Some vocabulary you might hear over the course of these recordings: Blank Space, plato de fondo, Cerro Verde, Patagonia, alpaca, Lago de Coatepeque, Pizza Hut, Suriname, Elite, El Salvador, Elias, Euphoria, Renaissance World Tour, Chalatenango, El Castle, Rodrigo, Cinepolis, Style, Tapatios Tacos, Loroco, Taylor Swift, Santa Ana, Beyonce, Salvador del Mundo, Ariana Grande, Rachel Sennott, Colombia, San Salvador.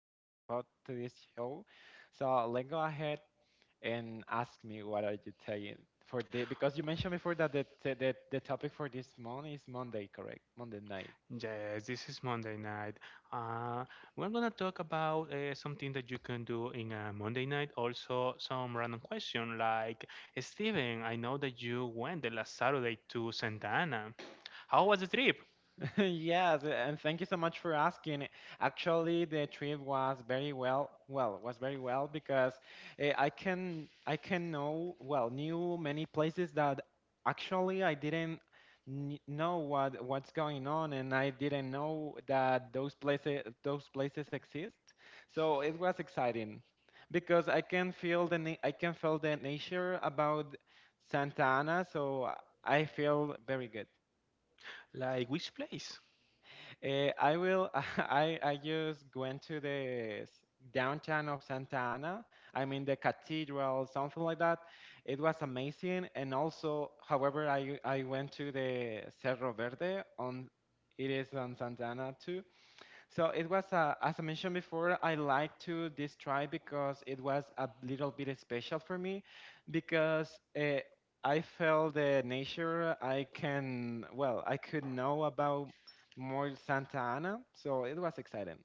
to the pod to this show. So let's go ahead and ask me what are you taking for the because you mentioned before that the topic for this month is Monday, correct? Monday night. Yes, this is Monday night. Uh, we're gonna talk about something that you can do in a Monday night. Also, some random question like Steven, I know that you went the last Saturday to Santa Ana. How was the trip? Yes, and thank you so much for asking. Actually, the trip was was very well because I can know, well, knew many places that actually I didn't know what's going on, and I didn't know that those places exist. So it was exciting because I can feel the nature about Santa Ana, so I feel very good. Like which place? I will. I just went to downtown of Santa Ana. I mean the cathedral, something like that. It was amazing. And also, however, I went to the Cerro Verde on. It is on Santa Ana too, so it was, as I mentioned before, I like to this try because it was a little bit special for me because I felt the nature I can, well, I could know about more Santa Ana. So it was exciting.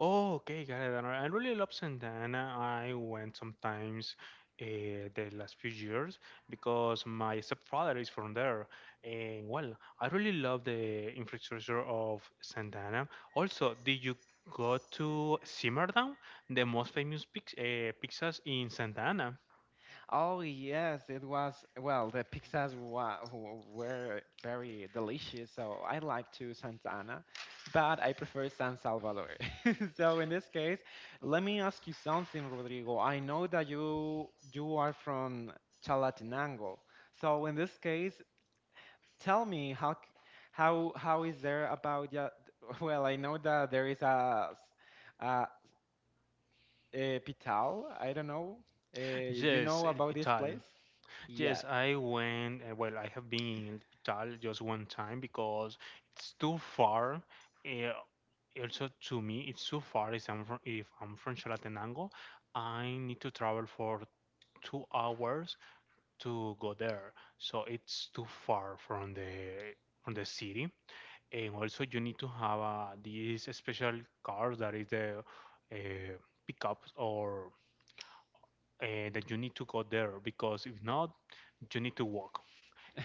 Oh, okay, got it. And I really love Santana. I went sometimes the last few years because my stepfather is from there. And well, I really love the infrastructure of Santana. Also, did you go to Simmerdown, the most famous pix pizzas in Santana? Oh yes, it was. Well, the pizzas were very delicious, so I like to Santa Ana, but I prefer San Salvador. So in this case, let me ask you something, Rodrigo. I know that you are from Chalatenango, so in this case, tell me how is there about yeah? Well, I know that there is a Pital. I don't know. Uh, you Yes, know El about this Pital. place? Yeah. Yes, I went. Well, I have been in hospital just one time because it's too far. Uh, also, to me, it's too far. If I'm from Chalatenango, I need to travel for 2 hours to go there. So it's too far from the city. And also, you need to have this special car that is the uh, pickup or that you need to go there because if not, you need to walk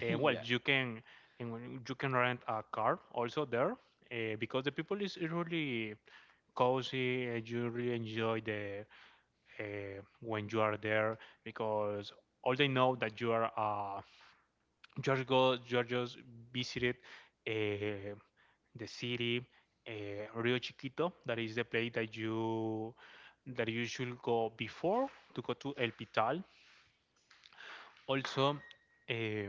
and well Yeah. you can and you can rent a car also there because the people is really cozy and you really enjoy the when you are there because all they know that you are go you are just visited uh, the city Rio Chiquito, that is the place that you should go before to go to El Pital also uh,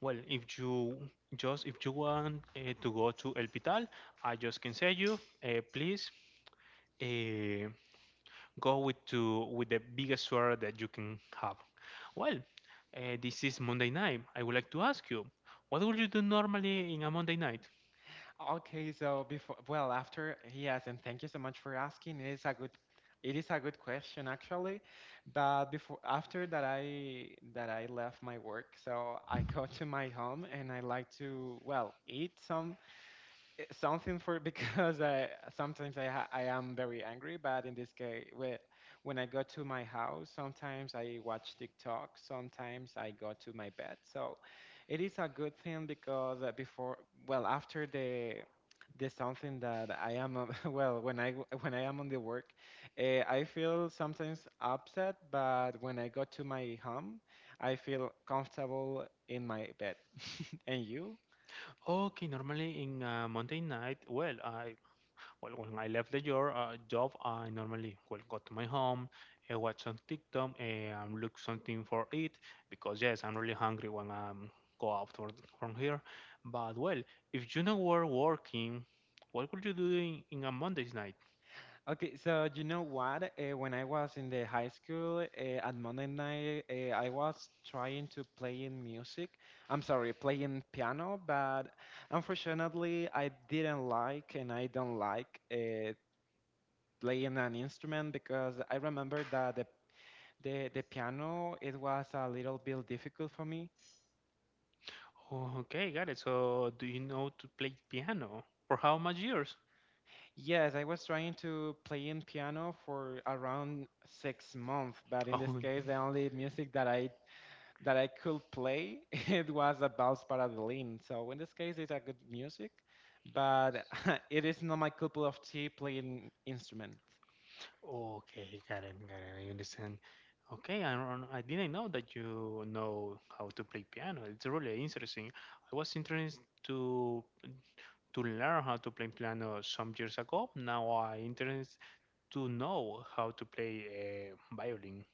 well, if you just if you want to go to El Pital, I just can say you please uh, go with to with the biggest sweater that you can have. Well, this is Monday night. I would like to ask you, what would you do normally in a Monday night? Okay, so before, well, after, yes, and thank you so much for asking. It is a good question actually. But before, after that I left my work, so I go to my home and I like to, well, eat some something for because I sometimes I am very angry, but in this case, when I go to my house, sometimes I watch TikTok, sometimes I go to my bed. So it is a good thing because before, well, after the something that I am well when I am on the work, I feel sometimes upset, but when I go to my home, I feel comfortable in my bed. And you? Okay, normally in a Monday night, well, I well, when I left the job, job I normally well go to my home, watch some TikTok, and look something for it because yes, I'm really hungry when I go out for, from here. But well, if you know were working, what would you do in a Monday's night? Okay, so you know what? When I was in the high school, at Monday night, I was trying to play in music. I'm sorry, playing piano, but unfortunately, I didn't like and I don't like playing an instrument because I remember that the piano it was a little bit difficult for me. Oh, okay, got it. So, do you know to play piano? For how much years? Yes, I was trying to play in piano for around 6 months, but in this Oh, case, the only music that I could play, it was a Vals para Berlin. So in this case, it's a good music, but it is not my cup of tea playing instrument. okay, Karen, Karen, I understand. Okay, I didn't know that you know how to play piano. It's really interesting. I was interested to learn how to play piano some years ago. Now I interested to know how to play violin.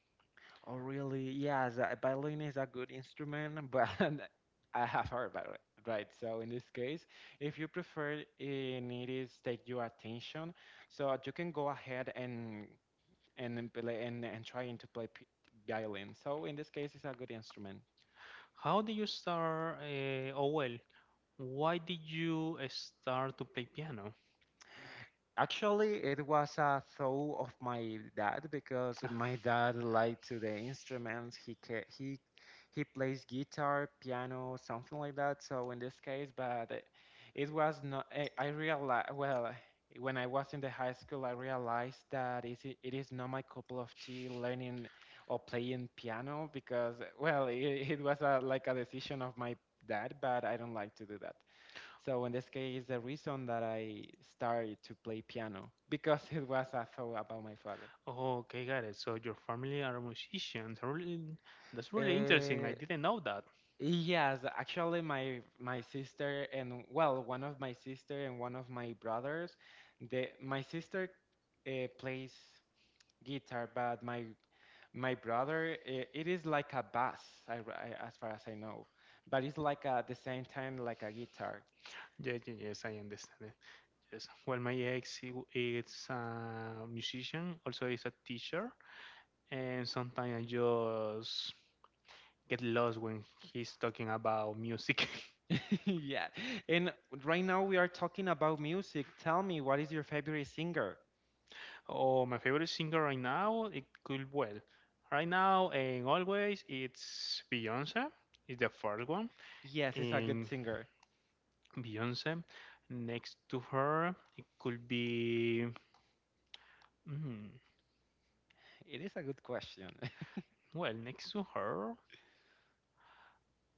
Oh, really? Yes, violin is a good instrument, but I have heard about it. Right, so in this case, if you prefer, it is take your attention, so you can go ahead and and trying to play violin. So in this case, it's a good instrument. How did you start? Oh well, why did you start to play piano? Actually, it was a thought of my dad because my dad liked to the instruments. He he plays guitar, piano, something like that. So in this case, but it was not. I realized well when I was in the high school, I realized that it is not my cup of tea learning or playing piano because well it was a, like a decision of my dad, but I don't like to do that. So in this case, the reason that I started to play piano because it was a thought about my father. Oh, okay, got it. So your family are musicians. Really, that's really interesting. Uh, I didn't know that. yes, actually, my sister and well, one of my sister and one of my brothers, the my sister plays guitar, but my brother it is like a bass, as far as I know, but it's like a, at the same time like a guitar. Yes I understand it. Yes. Well, my ex he is a musician, also is a teacher, and sometimes I just get lost when he's talking about music. Yeah, and right now we are talking about music. Tell me, what is your favorite singer? Oh, my favorite singer right now, it could well, right now and always, it's Beyonce. It's the first one, Yes, is a good and singer. Beyonce. Next to her, it could be. Mm, It is a good question. well, next to her,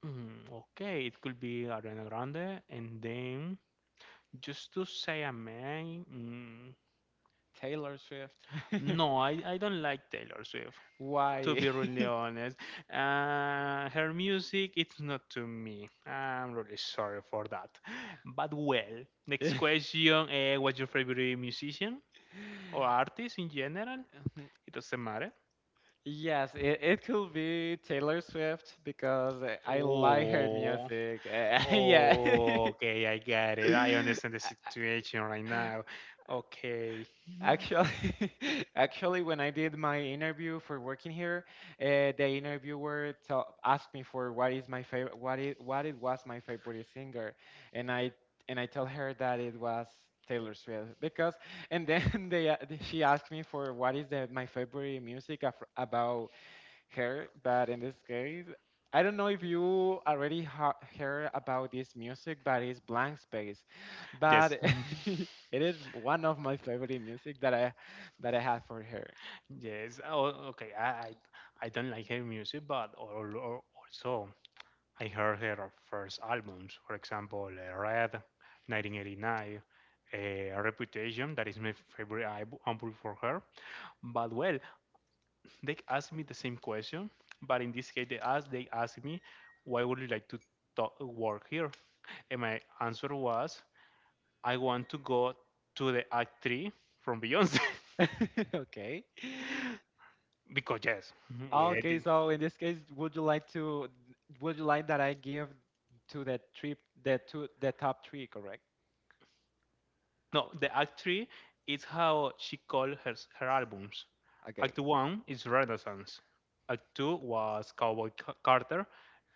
okay, it could be Ariana Grande. And then, just to say a man, Taylor Swift. no, I don't like Taylor Swift. To Why? be really honest, her music it's not to me. I'm really sorry for that. But well, next question: what's your favorite musician or artist in general? Um, It doesn't matter. yes, it could be Taylor Swift because I like her Oh, music. Yeah. oh, okay, I get it. I understand the I- situation right now. Okay. Yes. actually, actually, when I did my interview for working here, the interviewer asked me for what is my favorite, what it was my favorite singer, and I tell her that it was Taylor Swift because, and then she asked me for my favorite music about her, but in this case, I don't know if you already heard about this music, but it's Blank Space. But Mhm. it is one of my favorite music that I have for her. Yes. Oh, okay. I don't like her music, but or also I heard her first albums. For example, Red, 1989, Reputation. That is my favorite album for her. But well, they asked me the same question, but in this case, they asked me, "Why would you like to talk, work here?" And my answer was, "I want to go to the Act Three from Beyonce." Okay. Because yes, yeah, Okay, so in this case, would you like that I give to the trip the two the top three, correct? no, O- the Act Three is how she called her her albums. Okay. Act One is Renaissance. Act Two was Cowboy Carter,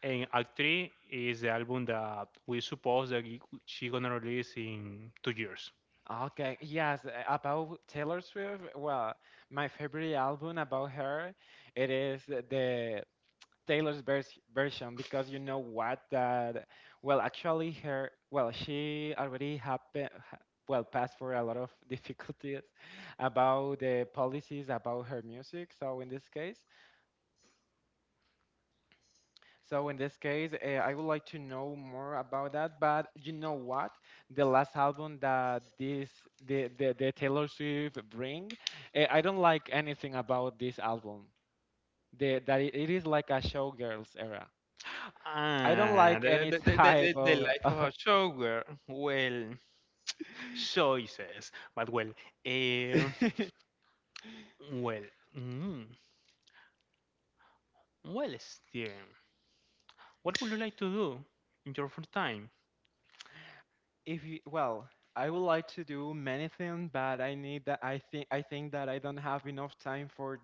and Act Three is the album that we suppose that she gonna release in 2 years. Okay. Yes, about Taylor Swift. Well, my favorite album about her it is the version because you know what that well actually her well she already happened well passed for a lot of difficulties about the policies about her music, so in this case so in this case, I would like to know more about that, but you know what, the last album that this the Taylor Swift bring, I don't like anything about this album, that it is like a showgirls era. I don't Ah, like the, any the, the, the, type the the of. life of a showgirl. Well, choices. But well, If um, well, mm, well, Steven, what would you like to do in your free time? you well, I would like to do many things, but I need that. I think that I don't have enough time for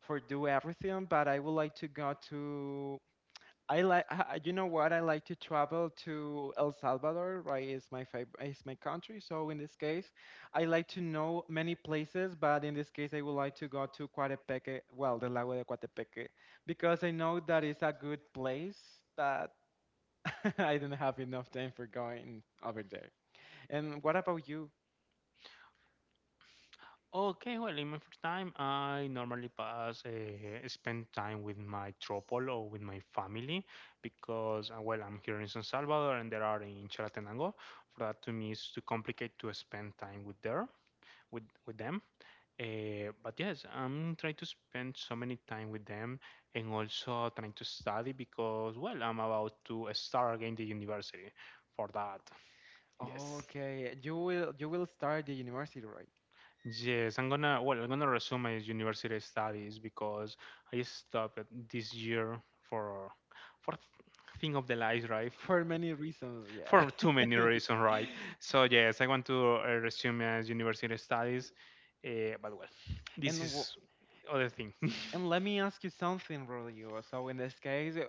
do everything. But I would like to go to. I like you know what, I like to travel to El Salvador, right? It's my country. So in this case, I like to know many places, but in this case, I would like to go to Coatepeque, well, the Lago de Coatepeque, because I know that it's a good place, but I don't have enough time for going over there. And what about you? Okay, well, in my free time, I normally spend time with my tropol or with my family because, well, I'm here in San Salvador and they are in Chalatenango. For that, to me, is too complicated to spend time with there, with them. But yes, I'm trying to spend so many time with them and also trying to study because, well, I'm about to start again the university for that. Yes. Okay, you will start the university, right? Yes, I'm gonna resume my university studies because I stopped it this year for for th- thing of the life, right? For many reasons, yeah. For too many reasons, right? So yes, I want to resume as university studies, but well, And this w is other thing. and let me ask you something, Rodrigo. So in this case,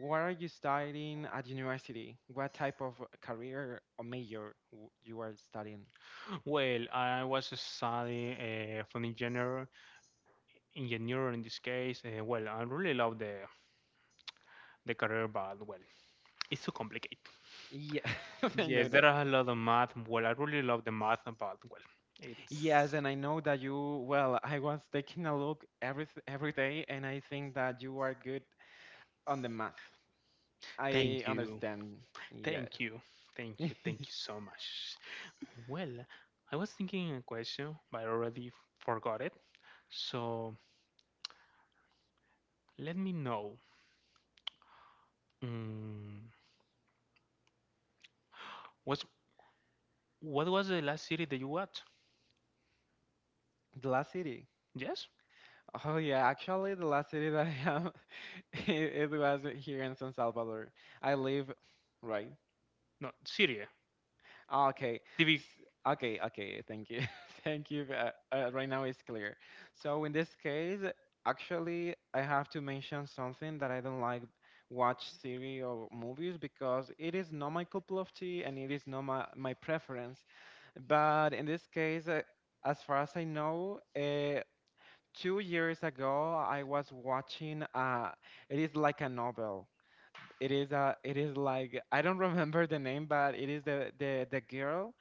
what are you studying at university? What type of career or major you are studying? Well, I was studying for engineer in this case. Well, I really love the career, but well, it's too complicated. Yeah, I know Yes, there that. are a lot of math. Well, I really love the math, but well, it's Yes, and I know that you, well, I was taking a look every day, and I think that you are good on the math. I thank you, understand. Yeah. thank you, thank you so much. Well, I was thinking a question, but I already forgot it. So let me know. Mm, what's what was the last city that you watched? The last city. Yes? Oh yeah, actually the last city that I am it was here in San Salvador. I live right. No, Syria. Ah, okay. TV. Okay, okay. Thank you. Thank you. Right now it's clear. So in this case, actually I have to mention something that I don't like watch series or movies because it is not my cup of tea and it is not my preference. But in this case, as far as I know, 2 years ago I was watching. It is like a novel. It is a. It is like I don't remember the name, but it is the girl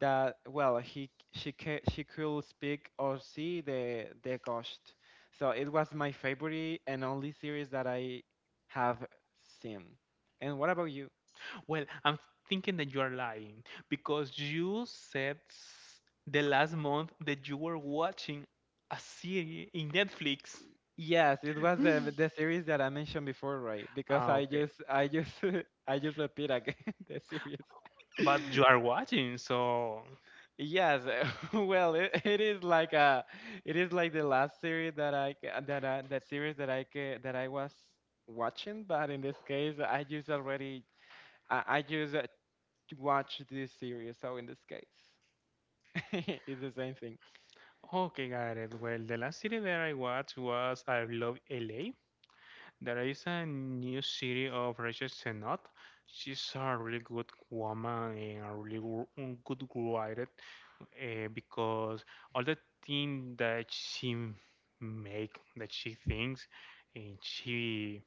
that well he she ca she could speak or see the ghost. So it was my favorite and only series that I have seen. And what about you? Well, I'm thinking that you are lying because you said the last month that you were watching a series in Netflix. Yes, it was the series that I mentioned before, right? Because Ah, okay. I just I just repeat again the series. But you are watching, so. Yes, well, it is like a it is like the last series that series that I was watching, but in this case, I just already I just watched this series, so in this case, it's the same thing. Okay, got it. Well, the last city that I watched was I Love LA. There is a new city of Rachel Sennott. She's a really good woman and a really good writer because all the things that she make, that she thinks, and she,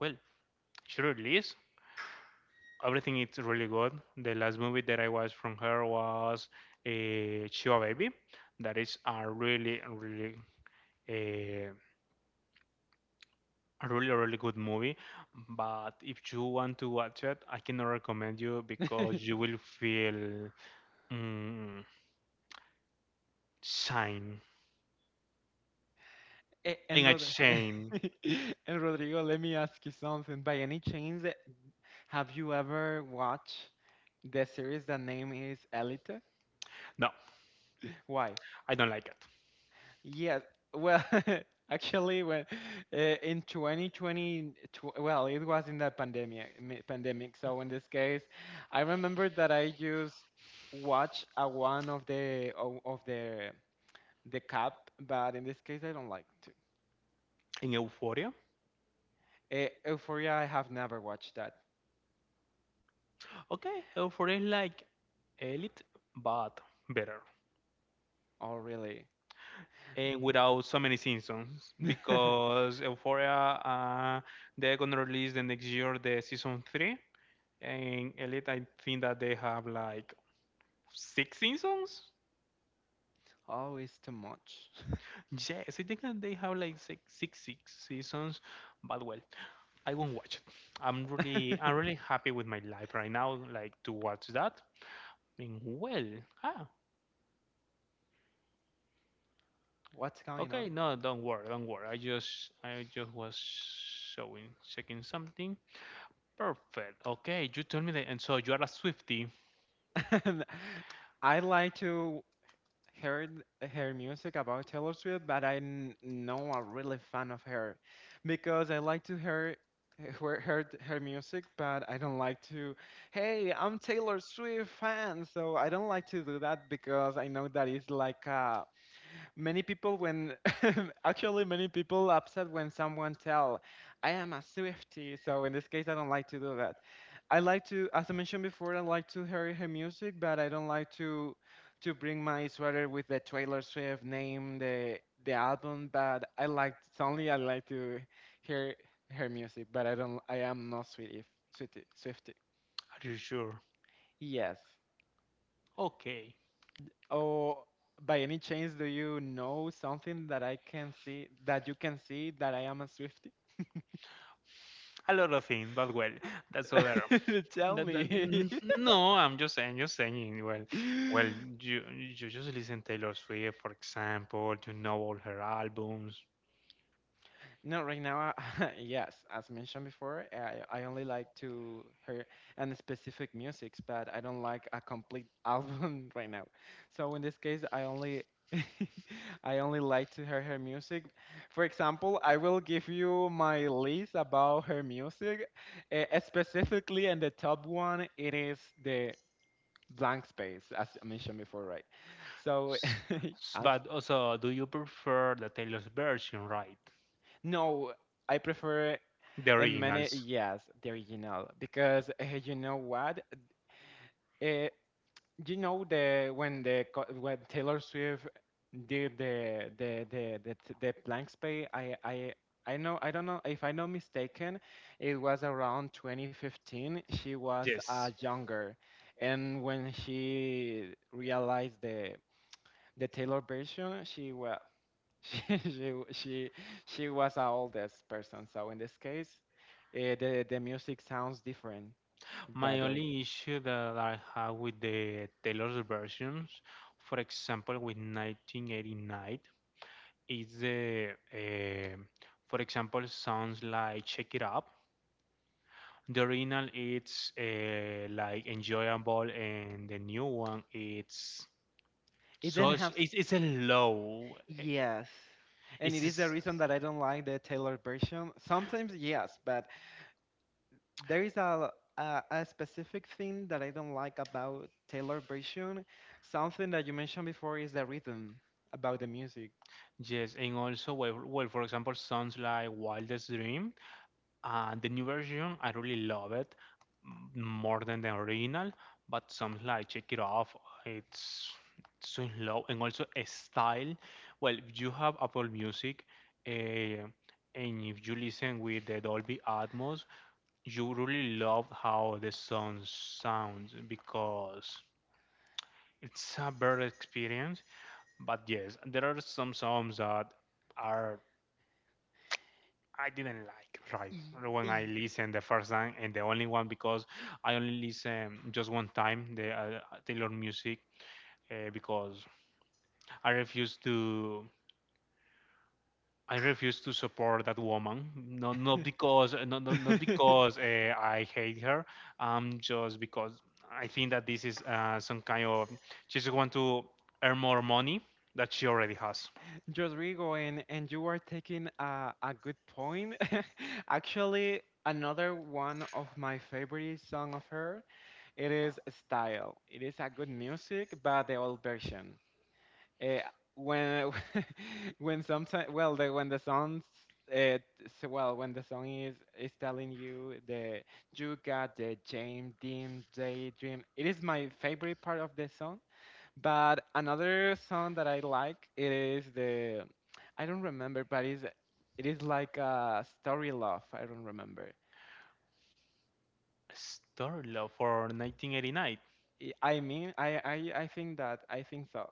well, she release everything is really good. The last movie that I watched from her was Chihuahua Baby. That is Uh, a really really good movie, but if you want to watch it, I cannot recommend you because you will feel mm, shame, in And a shame. and Rodrigo, let me ask you something. By any chance, have you ever watched the series that name is Elite? No, Why? I don't like it. Yes. Well, actually, when in 2020, well, it was in the pandemic, pandemic. So in this case, I remember that I just watch a one of of the cap, but in this case, I don't like In euphoria. to. Euphoria, I have never watched that. Okay, euphoria is like elite but better, Oh, really? and without so many seasons because euphoria, uh, they're gonna release the next year the season three. And elite, I think that they have like six seasons. Oh, it's too much. Yes, I think that they have like six seasons, but well, I won't watch it. I'm really happy with my life right now, like to watch that. And well, ah, What's going on? okay, no, don't worry, don't worry. I just was showing, checking something. Perfect. Okay, you told me that, and so you are a Swifty. And I like to hear her music about Taylor Swift, but I know I'm really fan of her because I like to hear her music, but I don't like to. Hey, I'm Taylor Swift fan, so I don't like to do that because I know that it's like a many people when actually many people upset when someone tell I am a Swiftie. So in this case I don't like to do that. I like to, as I mentioned before, I like to hear her music, but I don't like to bring my sweater with the Taylor Swift name, the album, but I like only, I like to hear her music, but I don't, I am not Swiftie, Swiftie, Swiftie. Are you sure? Yes. Okay, Or by any chance, do you know something that I can see, that you can see that I am a Swifty? a lot of things, but well, that's all there. Tell That, that, me. n- no, just saying. Well, well, you just listen Taylor Swift, for example. You know all her albums. No, right now, I, yes, as mentioned before, I only like to hear and specific musics, but I don't like a complete album right now. So in this case, I only I only like to hear her music. For example, I will give you my list about her music. Eh, specifically, and the top one, it is the Blank Space, as I mentioned before, right? So, S- I'm, but also, do you prefer the Taylor's version, right? no, I prefer. The And many, originals. yes, the original, because you know what? Uh, you know the when when Taylor Swift did the blank space, I know, I don't know if I'm not mistaken, it was around 2015. She was Yes. younger, and when she realized the Taylor version, she was She she she she was a oldest person, so in this case, the music sounds different that My the only issue that I have with the Taylor's versions, for example, with 1989, is for example, songs like "Shake It Up." The original it's like enjoyable, and the new one it's it so didn't it's, have it's a low. Yes, and it It's is the reason that I don't like the Taylor version. Sometimes yes, but there is a specific thing that I don't like about Taylor version. Something that you mentioned before is the rhythm about the music. yes, and also well, well for example, sounds like Wildest Dream. The new version, I really love it more than the original, but some like check it off. It's so slow and also a style. Well, if you have Apple Music, uh, and if you listen with the Dolby Atmos, you really love how the sound sounds because it's a better experience. But yes, there are some songs that are I didn't like right E- when I e- listened the first time and the only one because I only listen just one time the Taylor music because I refuse to I refuse to support that woman, not because I hate her, just because I think that this is some kind of she just want to earn more money that she already has. Rodrigo, and you are taking a good point. Actually, another one of my favorite song of her, it is Style. It is a good music, but the old version. Uh, when when sometimes well the, when the song uh, so, well when the song is telling you the you got the James Dean daydream. It is my favorite part of the song, but another song that I like, it is the I don't remember, but it's it is like a story love. I don't remember. Star Love for 1989. I mean, I think that I think so.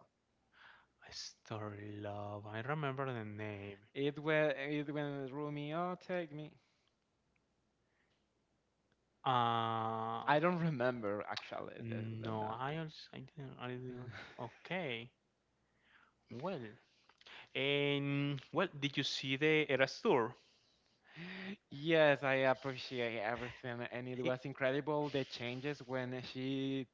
Star Love. I remember the name. It when Romeo take me. Uh, I don't remember actually the no, name. I didn't. Okay. Well, and well, did you see the Eras tour? Yes, I appreciate everything, and it I- was incredible the changes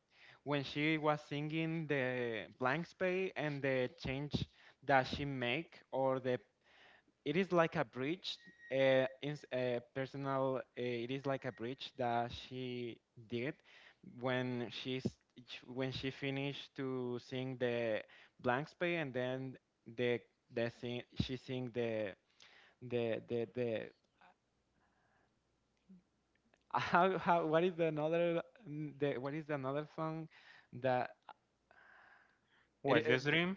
when she was singing the blank space and the change that she make or the it is like a bridge ins personal it is like a bridge that she did when she's when she finished to sing the blank space and then the the sing she sing the how what is the another the what is the another song that it Wildest Dream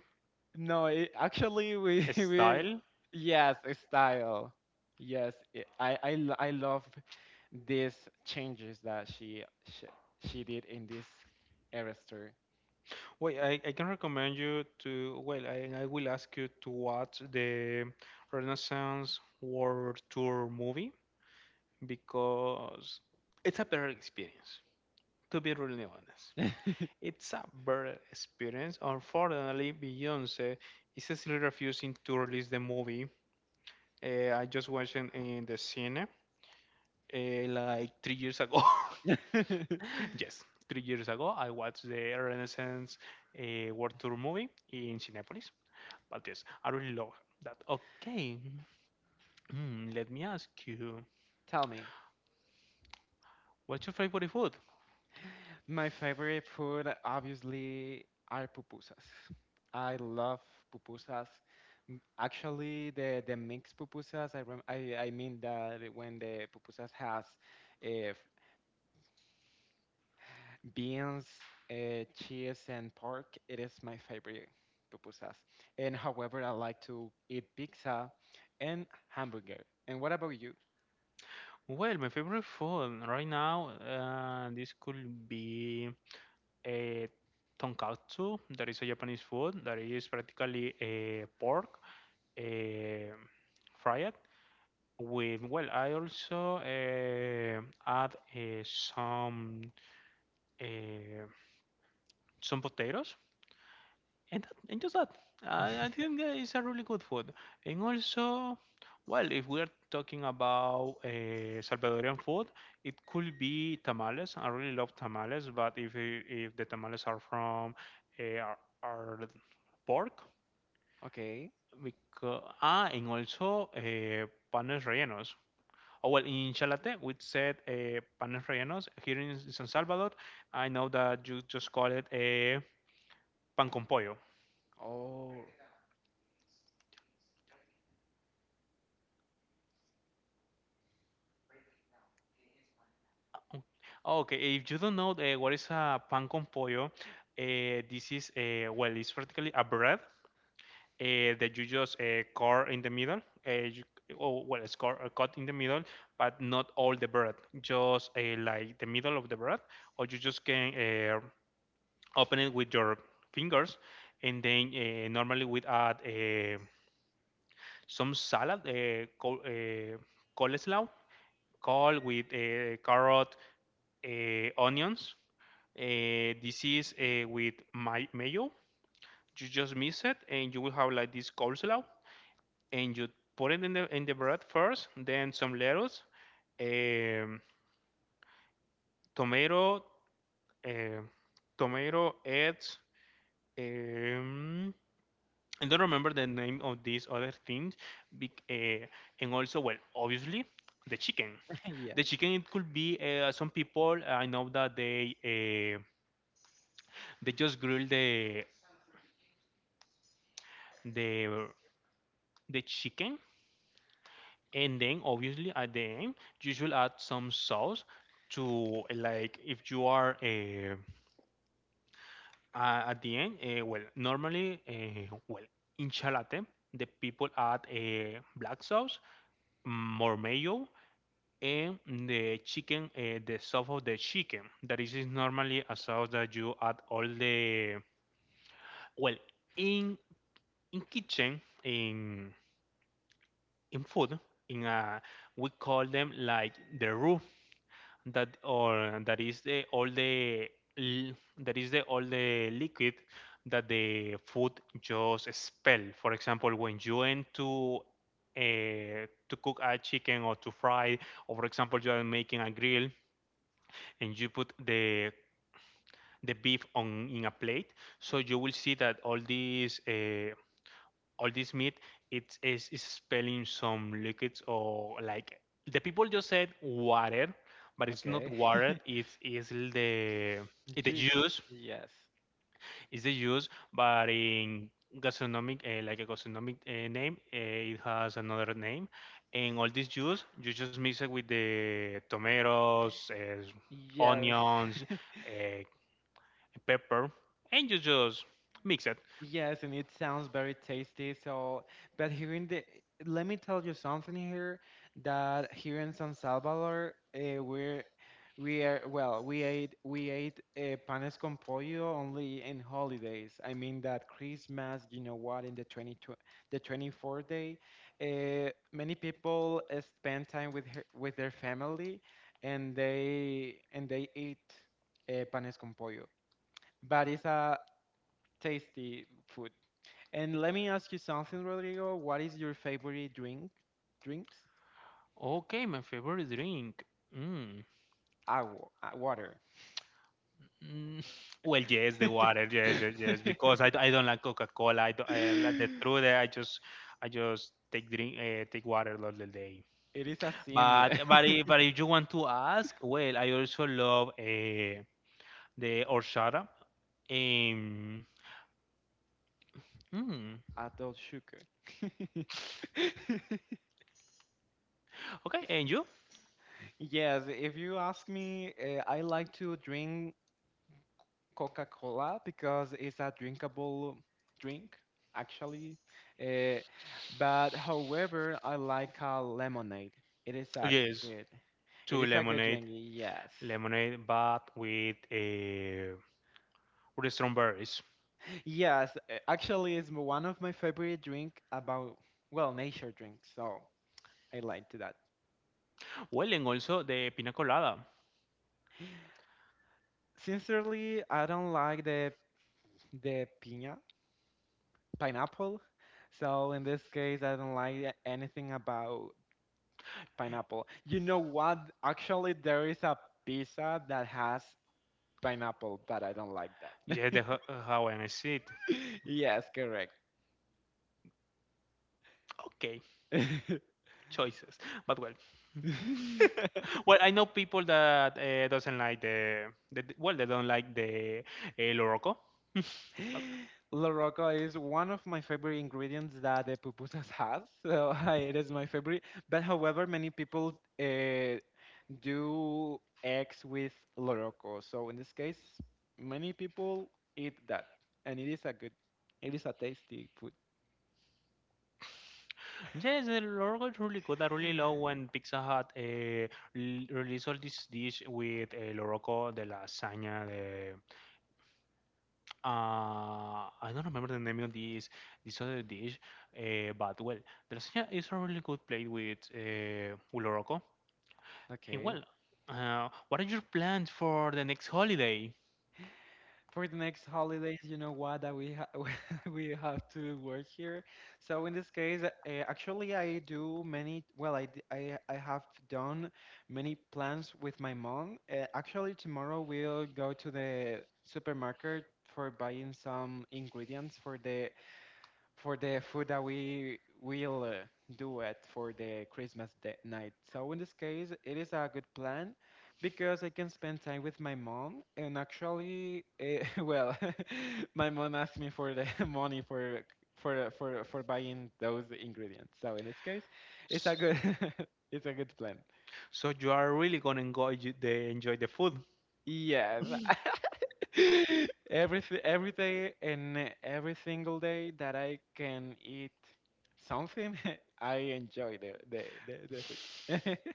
no, it, actually, we we style. yes, a style. Yes, it, I love these changes that she, she did in this Arister. Well, I can recommend you to. Well, I will ask you to watch the Renaissance World Tour movie because it's a better experience. To be really honest. It's a better experience. Unfortunately, Beyonce is still refusing to release the movie. I just watched it in the cinema like 3 years ago. Yes, 3 years ago, I watched the Renaissance World Tour movie in Cinepolis. But yes, I really love that. Okay, let me ask you, Tell me, what's your favorite food? my favorite food obviously are pupusas. I love pupusas. Actually, the mixed pupusas. I I mean that when the pupusas has, uh, beans, cheese, and pork. It is my favorite pupusas. And however, I like to eat pizza and hamburger. And what about you? Well, my favorite food right now, this could be a tonkatsu, that is a Japanese food that is practically a pork eh, fried with. Well, I also add some eh, some potatoes and that, and just that I think that it's a really good food. And also, well, if we're talking about salvadorian food, it could be tamales. I really love tamales, but if if the tamales are from are pork Okay. because, ah, and also panes rellenos. Oh, well, in Chalate, we said panes rellenos. Here in San Salvador, I know that you just call it a pan con pollo. Oh, Oh, okay, if you don't know what is a pan con pollo, this is well, it's practically a bread that you just cut in the middle. Uh, you, oh, well, it's cut, cut in the middle, but not all the bread, just like the middle of the bread, or you just can open it with your fingers, and then normally we add some salad called coleslaw, col with carrot, onions, this is with my mayo. You just mix it, and you will have like this coleslaw. And you put it in the bread first, then some lettuce, um, tomato, uh, eggs. Um, I don't remember the name of these other things. bec- Uh, and also, well, obviously, the chicken. yeah. The chicken, it could be some people I know that they just grill the the chicken, and then obviously at the end you should add some sauce to like if you are at the end. Well, normally, well, in chalate the people add black sauce, more mayo, and the chicken, the sauce of the chicken. That is normally a sauce that you add all the, well, in in kitchen in food in a, we call them like the roux, that or that is the all the l- that is the all the liquid that the food just expel, for example, when you end to cook a chicken or to fry, or for example you are making a grill and you put the beef on in a plate, so you will see that all these all this meat is spilling some liquids, or like the people just said water, but it's not Okay. water, it's the, it's the Juice. juice. Yes. It's the juice, but in gastronomic like a gastronomic name, it has another name. And all this juice you just mix it with the tomatoes, Yes. onions, uh, pepper, and you just mix it. Yes, and it sounds very tasty. So, but hearing the, let me tell you something here that here in San Salvador, we are well, we ate panes con pollo only in holidays. I mean that Christmas, you know what, in the 20, the 24th day, many people spend time with her, with their family, and they eat panes con pollo. But it's a tasty food. And let me ask you something, Rodrigo. What is your favorite drink? Drinks? Okay, my favorite drink, mm. Agua, water. Mm, well, yes, the water, yes, yes, yes. Because I don't like Coca-Cola. I don't, I, Like the truth, I just take drink, take water all the day. It is a sin. But if you want to ask, well, I also love the horchata. Um, mm. Adult sugar. Okay, and you? Yes, if you ask me, I like to drink Coca-Cola because it's a drinkable drink, actually. Uh, but however, I like a lemonade. It is a Yes, good. It two is a good lemonade, drink. Yes. lemonade, but with strawberries. Yes, actually, it's one of my favorite drink about, well, nature drink, so I like to that. Well, and also the pina colada. Sincerely, I don't like the piña, pineapple. So in this case, I don't like anything about pineapple. You know what? Actually, there is a pizza that has pineapple, but I don't like that. Yes, the Hawaiian, I see. Yes, correct. Okay. Choices. But well, well, I know people that doesn't like they don't like the Loroco. But La Roca is one of my favorite ingredients that the pupusas has, so it is my favorite. But however, many people uh, do eggs with La Roca, so in this case, many people eat that, and it is a good, it is a tasty food. yes, the Loroco is really good. I really love when Pizza Hut release all this dish with Loroco, the lasagna, the I don't remember the name of this this other dish. But well, the lasagna is a really good plate with Loroco. And Okay, well, what are your plans for the next holiday? for the next holidays, you know what, that we ha we have to work here. So in this case, actually, I do many. Well, I have done many plans with my mom. Actually, tomorrow we'll go to the supermarket for buying some ingredients for the food that we will do it for the Christmas day night. So in this case, it is a good plan because I can spend time with my mom. And actually, well, my mom asked me for the money for for buying those ingredients. So in this case, it's a good it's a good plan. So you are really gonna enjoy the enjoy the food. Yes. Every day and every single day that I can eat something, I enjoy the food.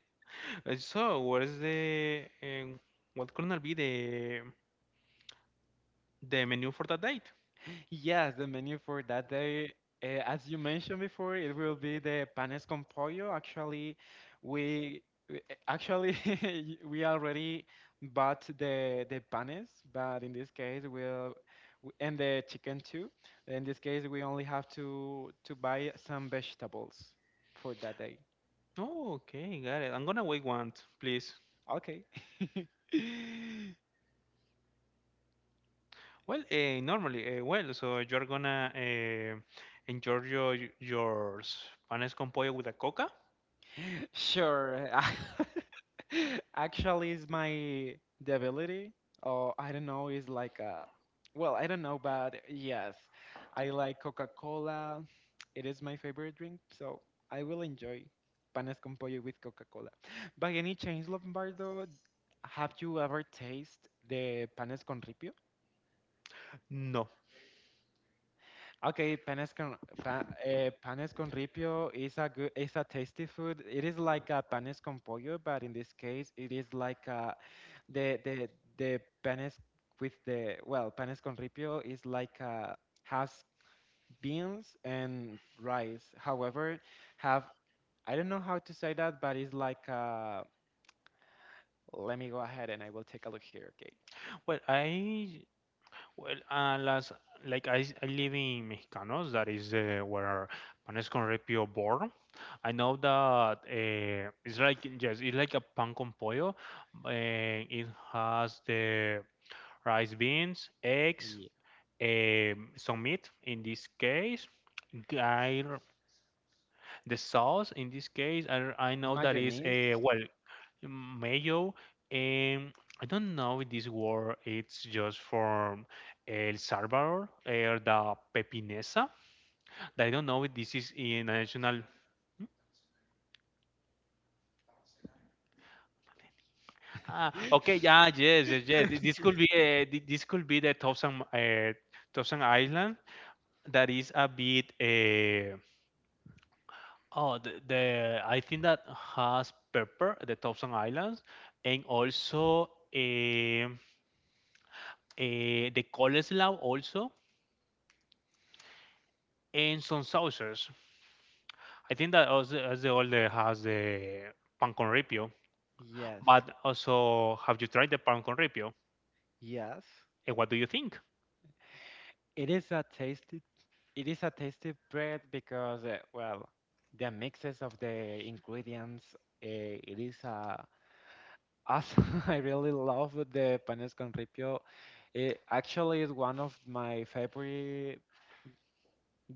So what is the what gonna be the menu for that date? Yes, the menu for that day, as you mentioned before, it will be the panes con pollo. Actually, we we- actually we already bought the panes, but in this case and the chicken too. In this case, we only have to buy some vegetables for that day. Oh, okay, got it. I'm gonna wait one, please. Okay. Well, normally, well, so you're gonna enjoy your panes con pollo with a coca? Sure. Actually, is my debility, or I don't know, is like a, well, I don't know, but yes, I like Coca-Cola. It is my favorite drink, so I will enjoy panes con pollo with Coca-Cola. By any chance, Lombardo, have you ever tasted the panes con ripio? No. Okay, panes con panes con ripio is a good, is a tasty food. It is like a panes con pollo, but in this case, it is like a, the the the panes with the well, panes con ripio is like a, has beans and rice. However, have I don't know how to say that, but it's like a, let me go ahead and I will take a look here. Okay, Well, I, well, last, like I live in Mexicanos, that is where Panes con Repio born. I know that it's like yes, it's like a pan con pollo, and it has the rice, beans, eggs, yeah. Some meat. In this case, I, r- the sauce. In this case, I know that is Mayonnaise. a, well, mayo. Um, I don't know if this word it's just from El Salvador or the pepinesa. I don't know if this is in a national. Ah, okay, yeah, yes, yes, yes. This could be this could be the Thousand Thousand Island that is a bit. Oh, the I think that has pepper, the Thousand Islands, and also um, the coleslaw also and some sauces. I think that also as the older has the pan con ripio, Yes. but also have you tried the pan con ripio? Yes. And what do you think? It is a tasty it is a tasty bread because, well, the mixes of the ingredients, it is awesome. I really love the panes con ripio. It actually is one of my favorite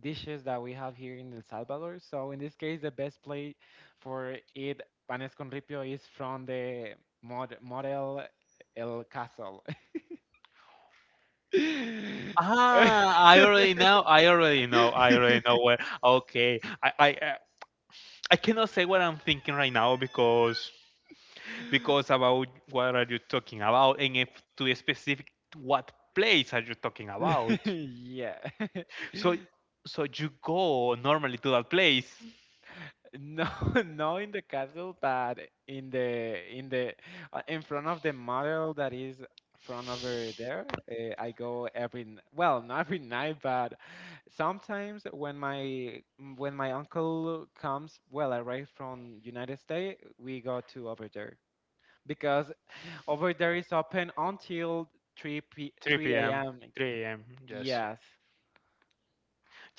dishes that we have here in El Salvador. So in this case, the best plate for it panes con ripio is from the mod model El Castle. Ah, I already know. I already know. I already know where. Okay, I cannot say what I'm thinking right now because about what are you talking about, and if to be specific, what place are you talking about? yeah. So so you go normally to that place. No, not in the castle, but in the in the in front of the model that is from over there. I go every well, not every night, but sometimes when my when my uncle comes, well, arrived from United States, we go to over there because over there is open until 3 3 p.m. a.m. 3 a.m. Yes. Yes.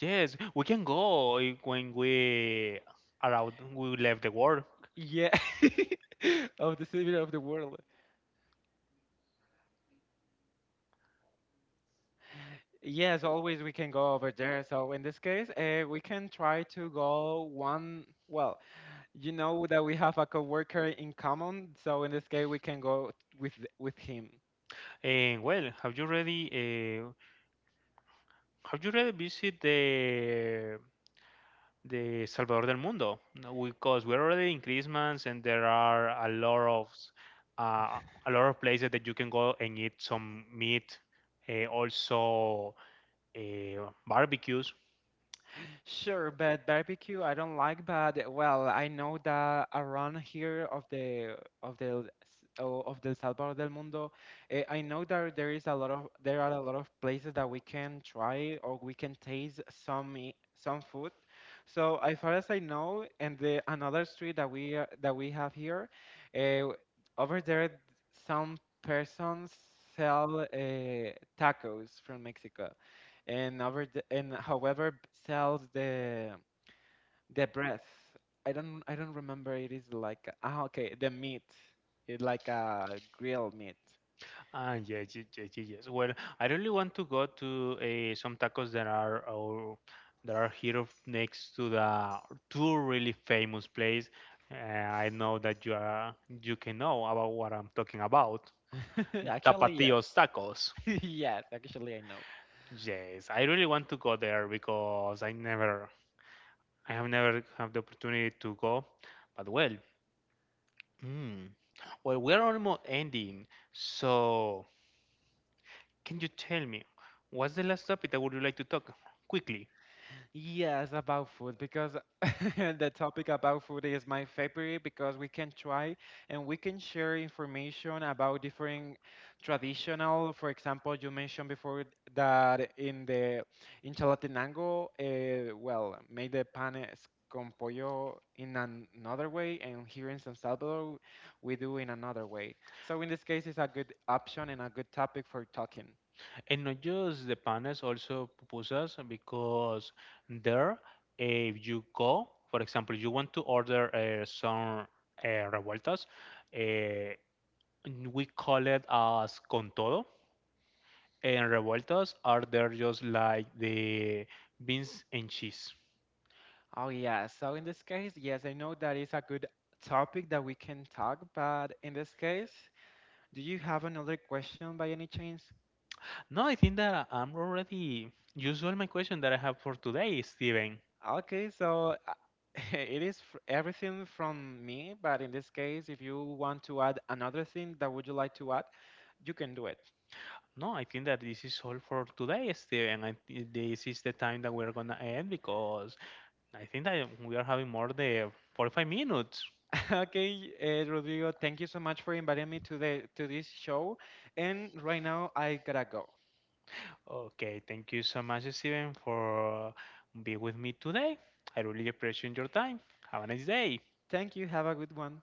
Yes, we can go when we are out, we left the work. Yeah. Of the civil of the world. Yes, always we can go over there. So in this case, we can try to go one. Well, you know that we have a coworker in common, so in this case we can go with with him. And well, have you already visited the Salvador del Mundo? No, because we're already in Christmas, and there are a lot of uh, a lot of places that you can go and eat some meat, also barbecues. Sure, but barbecue I don't like, but well, I know that around here of the of the Salvador del Mundo, I know that there are a lot of places that we can try or we can taste some some food. So as far as I know, and the another street that that we have here, eh, over there some persons sell tacos from Mexico and over the, and however sells the breath. I don't remember. It is like ah okay the meat. It's like a grilled meat. Ah, yes, yes, yes, yes, yes. Well, I really want to go to some tacos that are, or that are here next to the two really famous place. I know that you are you can know about what I'm talking about. Actually yes, Tapatios Tacos. yes. Actually I know. Yes, I really want to go there because I never, I have never had the opportunity to go. But well, hmm, well, we're almost ending. So, can you tell me what's the last topic that would you like to talk quickly? Yes, about food because the topic about food is my favorite because we can try and we can share information about different traditional. For example, you mentioned before that in the in Chalatenango, well, made the panes con pollo in another way, and here in San Salvador, we do in another way. So in this case, it's a good option and a good topic for talking. And not just the panes, also pupusas, because there, if you go, for example, you want to order some revueltas, uh, we call it as con todo. And revueltas are there just like the beans and cheese. Oh, yeah. So in this case, yes, I know that is a good topic that we can talk, but in this case, do you have another question by any chance? No, I think that I'm already used all my question that I have for today, Steven. Okay, so it is everything from me, but in this case, if you want to add another thing that would you like to add, you can do it. No, I think that this is all for today, Steven. This is the time that we're gonna end because I think that we are having more than 45 minutes. Okay, Rodrigo, thank you so much for inviting me to the to this show, and right now I gotta go. Okay, thank you so much, Steven, for being with me today. I really appreciate your time. Have a nice day. Thank you. Have a good one.